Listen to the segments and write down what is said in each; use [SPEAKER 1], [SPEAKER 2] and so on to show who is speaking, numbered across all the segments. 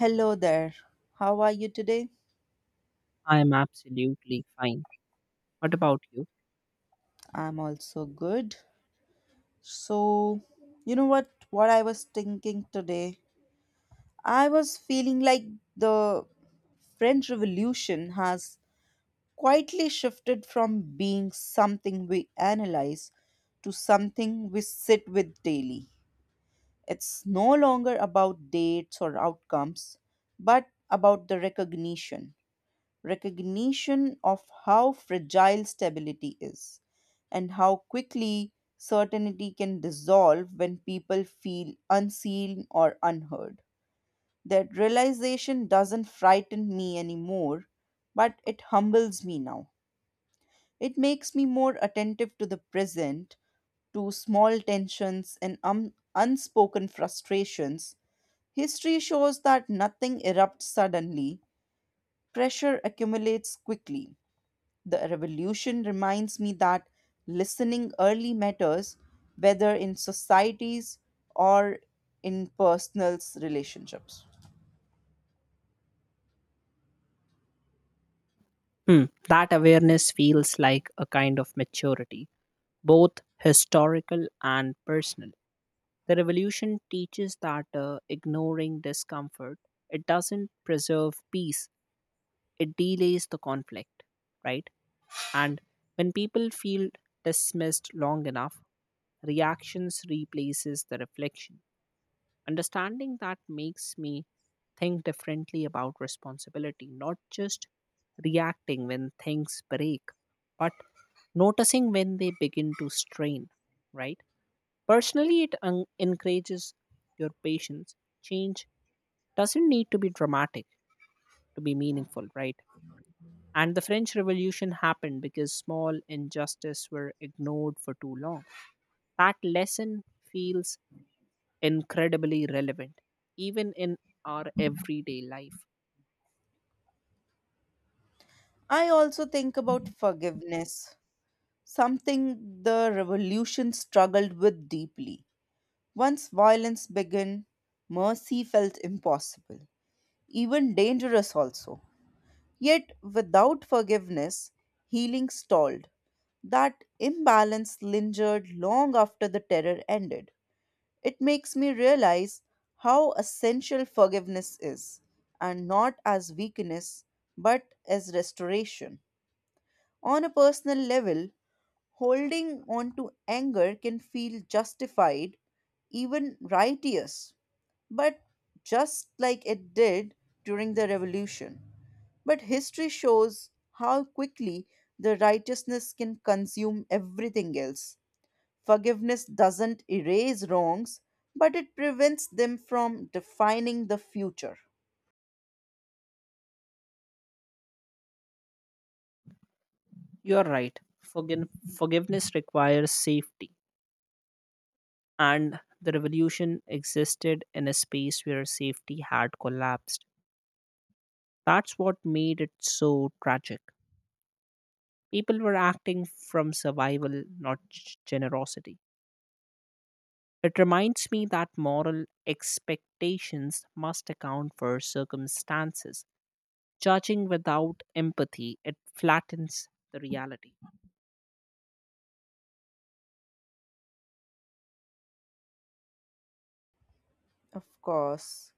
[SPEAKER 1] Hello there. How are you today?
[SPEAKER 2] I am absolutely fine. What about you?
[SPEAKER 1] I'm also good. So, you know what I was thinking today? I was feeling like the French Revolution has quietly shifted from being something we analyze to something we sit with daily. It's no longer about dates or outcomes, but about the recognition. Recognition of how fragile stability is and how quickly certainty can dissolve when people feel unseen or unheard. That realization doesn't frighten me anymore, but it humbles me now. It makes me more attentive to the present, to small tensions and unspoken frustrations. History shows that nothing erupts suddenly, pressure accumulates quickly. The revolution reminds me that listening early matters, whether in societies or in personal relationships.
[SPEAKER 2] Hmm. That awareness feels like a kind of maturity, both historical and personal. The revolution teaches that ignoring discomfort, it doesn't preserve peace, it delays the conflict, right? And when people feel dismissed long enough, reactions replaces the reflection. Understanding that makes me think differently about responsibility, not just reacting when things break, but noticing when they begin to strain, right? Personally, encourages your patience. Change doesn't need to be dramatic to be meaningful, right? And the French Revolution happened because small injustices were ignored for too long. That lesson feels incredibly relevant, even in our everyday life.
[SPEAKER 1] I also think about forgiveness, something the revolution struggled with deeply. Once violence began, mercy felt impossible, even dangerous also. Yet, without forgiveness, healing stalled. That imbalance lingered long after the terror ended. It makes me realize how essential forgiveness is, and not as weakness, but as restoration. On a personal level, holding on to anger can feel justified, even righteous, but just like it did during the revolution. But history shows how quickly the righteousness can consume everything else. Forgiveness doesn't erase wrongs, but it prevents them from defining the future.
[SPEAKER 2] You're right. Forgin- Forgiveness requires safety, and the revolution existed in a space where safety had collapsed. That's what made it so tragic. People were acting from survival, not generosity. It reminds me that moral expectations must account for circumstances. Judging without empathy, it flattens the reality.
[SPEAKER 1] Of course.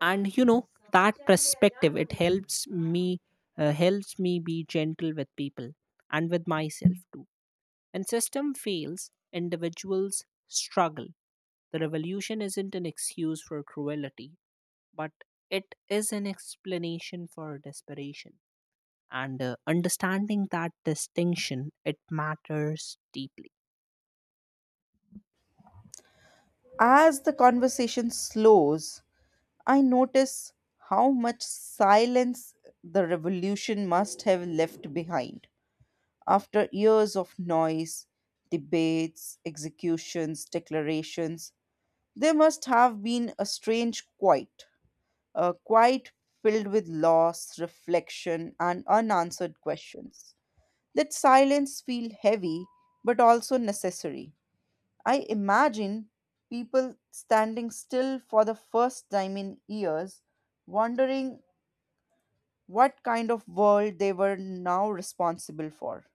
[SPEAKER 2] And you know that perspective it helps me, helps me be gentle with people and with myself too, and system fails individuals struggle. The revolution isn't an excuse for cruelty, but it is an explanation for desperation. And understanding that distinction, it matters deeply.
[SPEAKER 1] As the conversation slows, I notice how much silence the revolution must have left behind. After years of noise, debates, executions, declarations, there must have been a strange quiet, a quiet filled with loss, reflection, and unanswered questions. That silence feel heavy but also necessary. I imagine people standing still for the first time in years, wondering what kind of world they were now responsible for.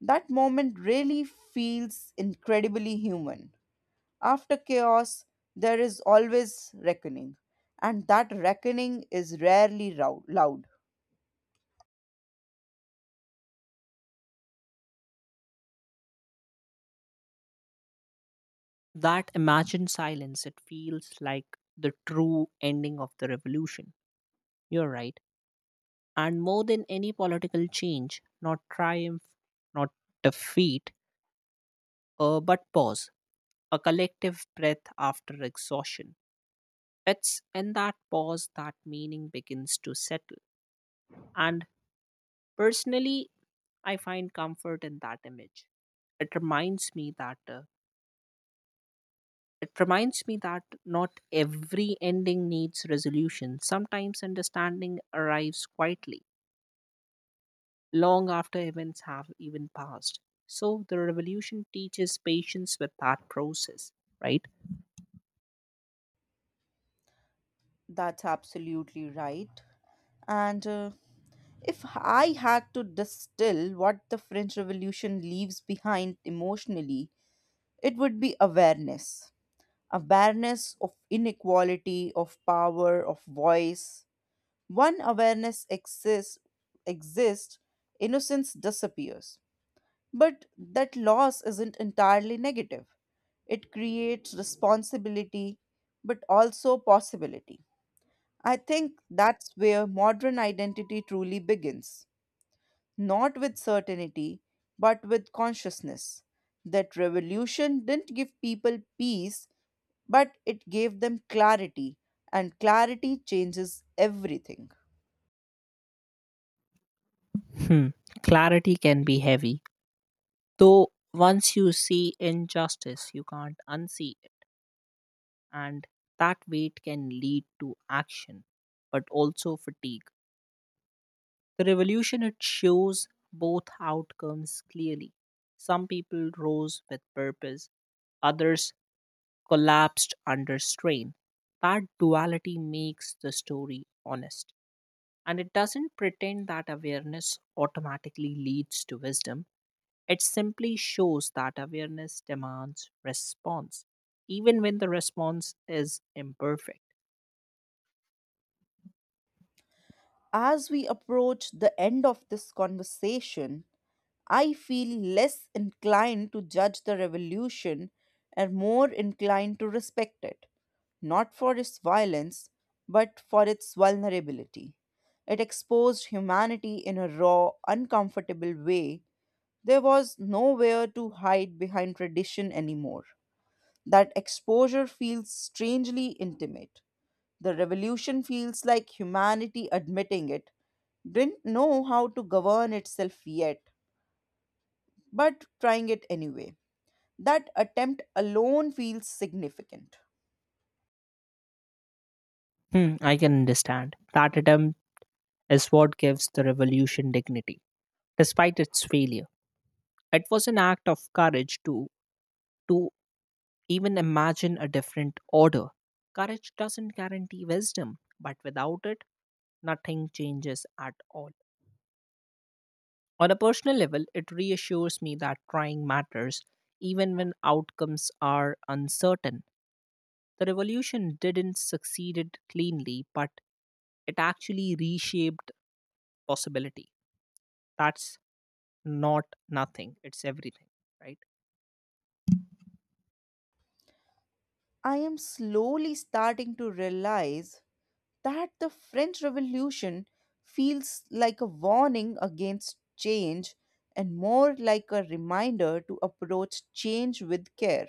[SPEAKER 1] That moment really feels incredibly human. After chaos, there is always reckoning, and that reckoning is rarely loud.
[SPEAKER 2] That imagined silence, it feels like the true ending of the revolution. You're right. And more than any political change, not triumph, not defeat, but pause, a collective breath after exhaustion. It's in that pause that meaning begins to settle. And personally, I find comfort in that image. It reminds me that uh, it reminds me that not every ending needs resolution. Sometimes understanding arrives quietly, long after events have even passed. So the revolution teaches patience with that process, right?
[SPEAKER 1] That's absolutely right. And if I had to distill what the French Revolution leaves behind emotionally, it would be awareness. Awareness of inequality, of power, of voice. One awareness exists, innocence disappears. But that loss isn't entirely negative. It creates responsibility, but also possibility. I think that's where modern identity truly begins, not with certainty, but with consciousness. That revolution didn't give people peace, but it gave them clarity, and clarity changes everything.
[SPEAKER 2] Hmm. Clarity can be heavy, though once you see injustice, you can't unsee it, and that weight can lead to action, but also fatigue. The revolution, it shows both outcomes clearly. Some people rose with purpose, others collapsed under strain. That duality makes the story honest. And it doesn't pretend that awareness automatically leads to wisdom. It simply shows that awareness demands response, even when the response is imperfect.
[SPEAKER 1] As we approach the end of this conversation, I feel less inclined to judge the revolution and more inclined to respect it, not for its violence, but for its vulnerability. It exposed humanity in a raw, uncomfortable way. There was nowhere to hide behind tradition anymore. That exposure feels strangely intimate. The revolution feels like humanity admitting it didn't know how to govern itself yet but trying it anyway. That attempt alone feels significant.
[SPEAKER 2] Hmm, I can understand. That attempt is what gives the revolution dignity, despite its failure. It was an act of courage to even imagine a different order. Courage doesn't guarantee wisdom, but without it, nothing changes at all. On a personal level, it reassures me that trying matters even when outcomes are uncertain. The revolution didn't succeed cleanly, but it actually reshaped possibility. That's not nothing, it's everything, right?
[SPEAKER 1] I am slowly starting to realize that the French Revolution feels like a warning against change and more like a reminder to approach change with care.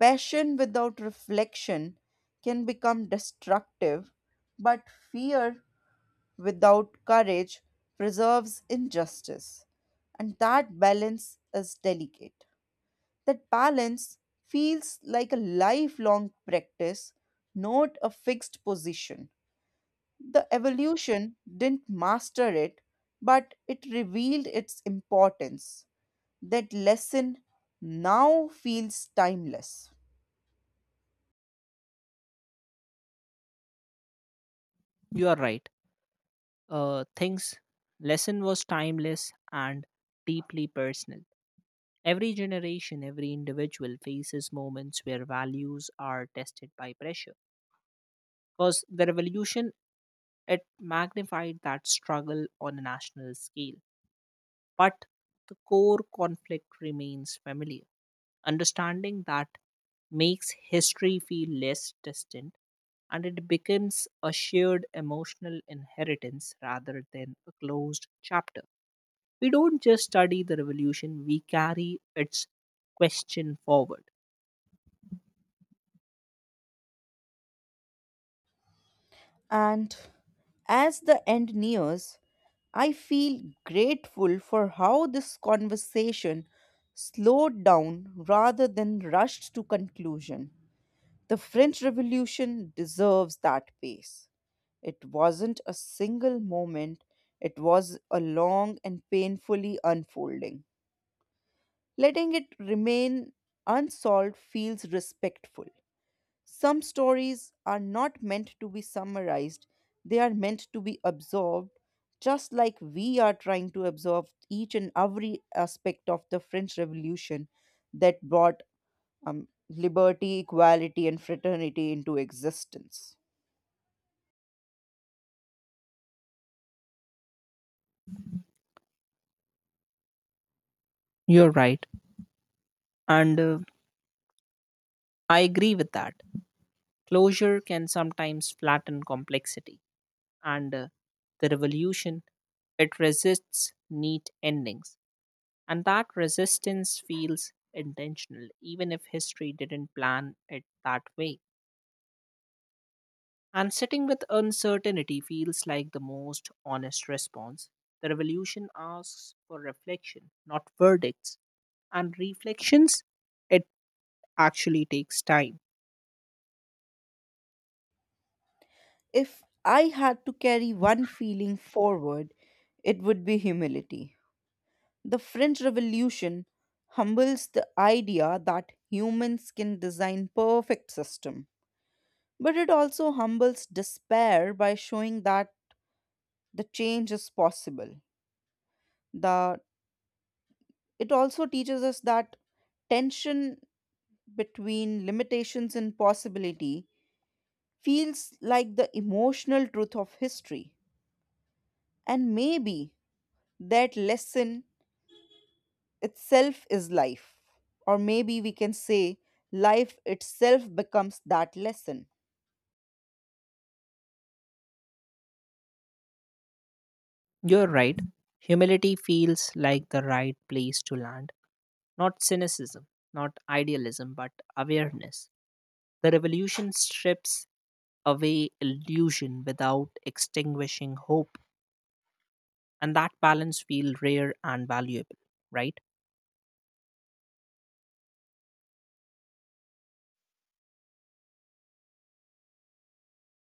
[SPEAKER 1] Passion without reflection can become destructive, but fear without courage preserves injustice. And that balance is delicate. That balance feels like a lifelong practice, not a fixed position. The evolution didn't master it, but it revealed its importance. That lesson now feels timeless.
[SPEAKER 2] You are right. Things lesson was timeless and deeply personal. Every generation, every individual faces moments where values are tested by pressure. Because the revolution, it magnified that struggle on a national scale. But the core conflict remains familiar. Understanding that makes history feel less distant, and it becomes a shared emotional inheritance rather than a closed chapter. We don't just study the revolution, we carry its question forward.
[SPEAKER 1] And as the end nears, I feel grateful for how this conversation slowed down rather than rushed to conclusion. The French Revolution deserves that pace. It wasn't a single moment, it was a long and painfully unfolding. Letting it remain unsolved feels respectful. Some stories are not meant to be summarized, they are meant to be absorbed, just like we are trying to absorb each and every aspect of the French Revolution that brought liberty, equality, and fraternity into existence.
[SPEAKER 2] You're right. And I agree with that. Closure can sometimes flatten complexity, and the revolution, it resists neat endings, and that resistance feels intentional, even if history didn't plan it that way. And sitting with uncertainty feels like the most honest response. The revolution asks for reflection, not verdicts, and reflections, it actually takes time.
[SPEAKER 1] If I had to carry one feeling forward, it would be humility. The French Revolution humbles the idea that humans can design perfect system. But it also humbles despair by showing that the change is possible. The, it also teaches us that tension between limitations and possibility feels like the emotional truth of history. And maybe that lesson itself is life. Or maybe we can say life itself becomes that lesson.
[SPEAKER 2] You're right. Humility feels like the right place to land. Not cynicism, not idealism, but awareness. The revolution strips away illusion without extinguishing hope, and that balance feels rare and valuable, right?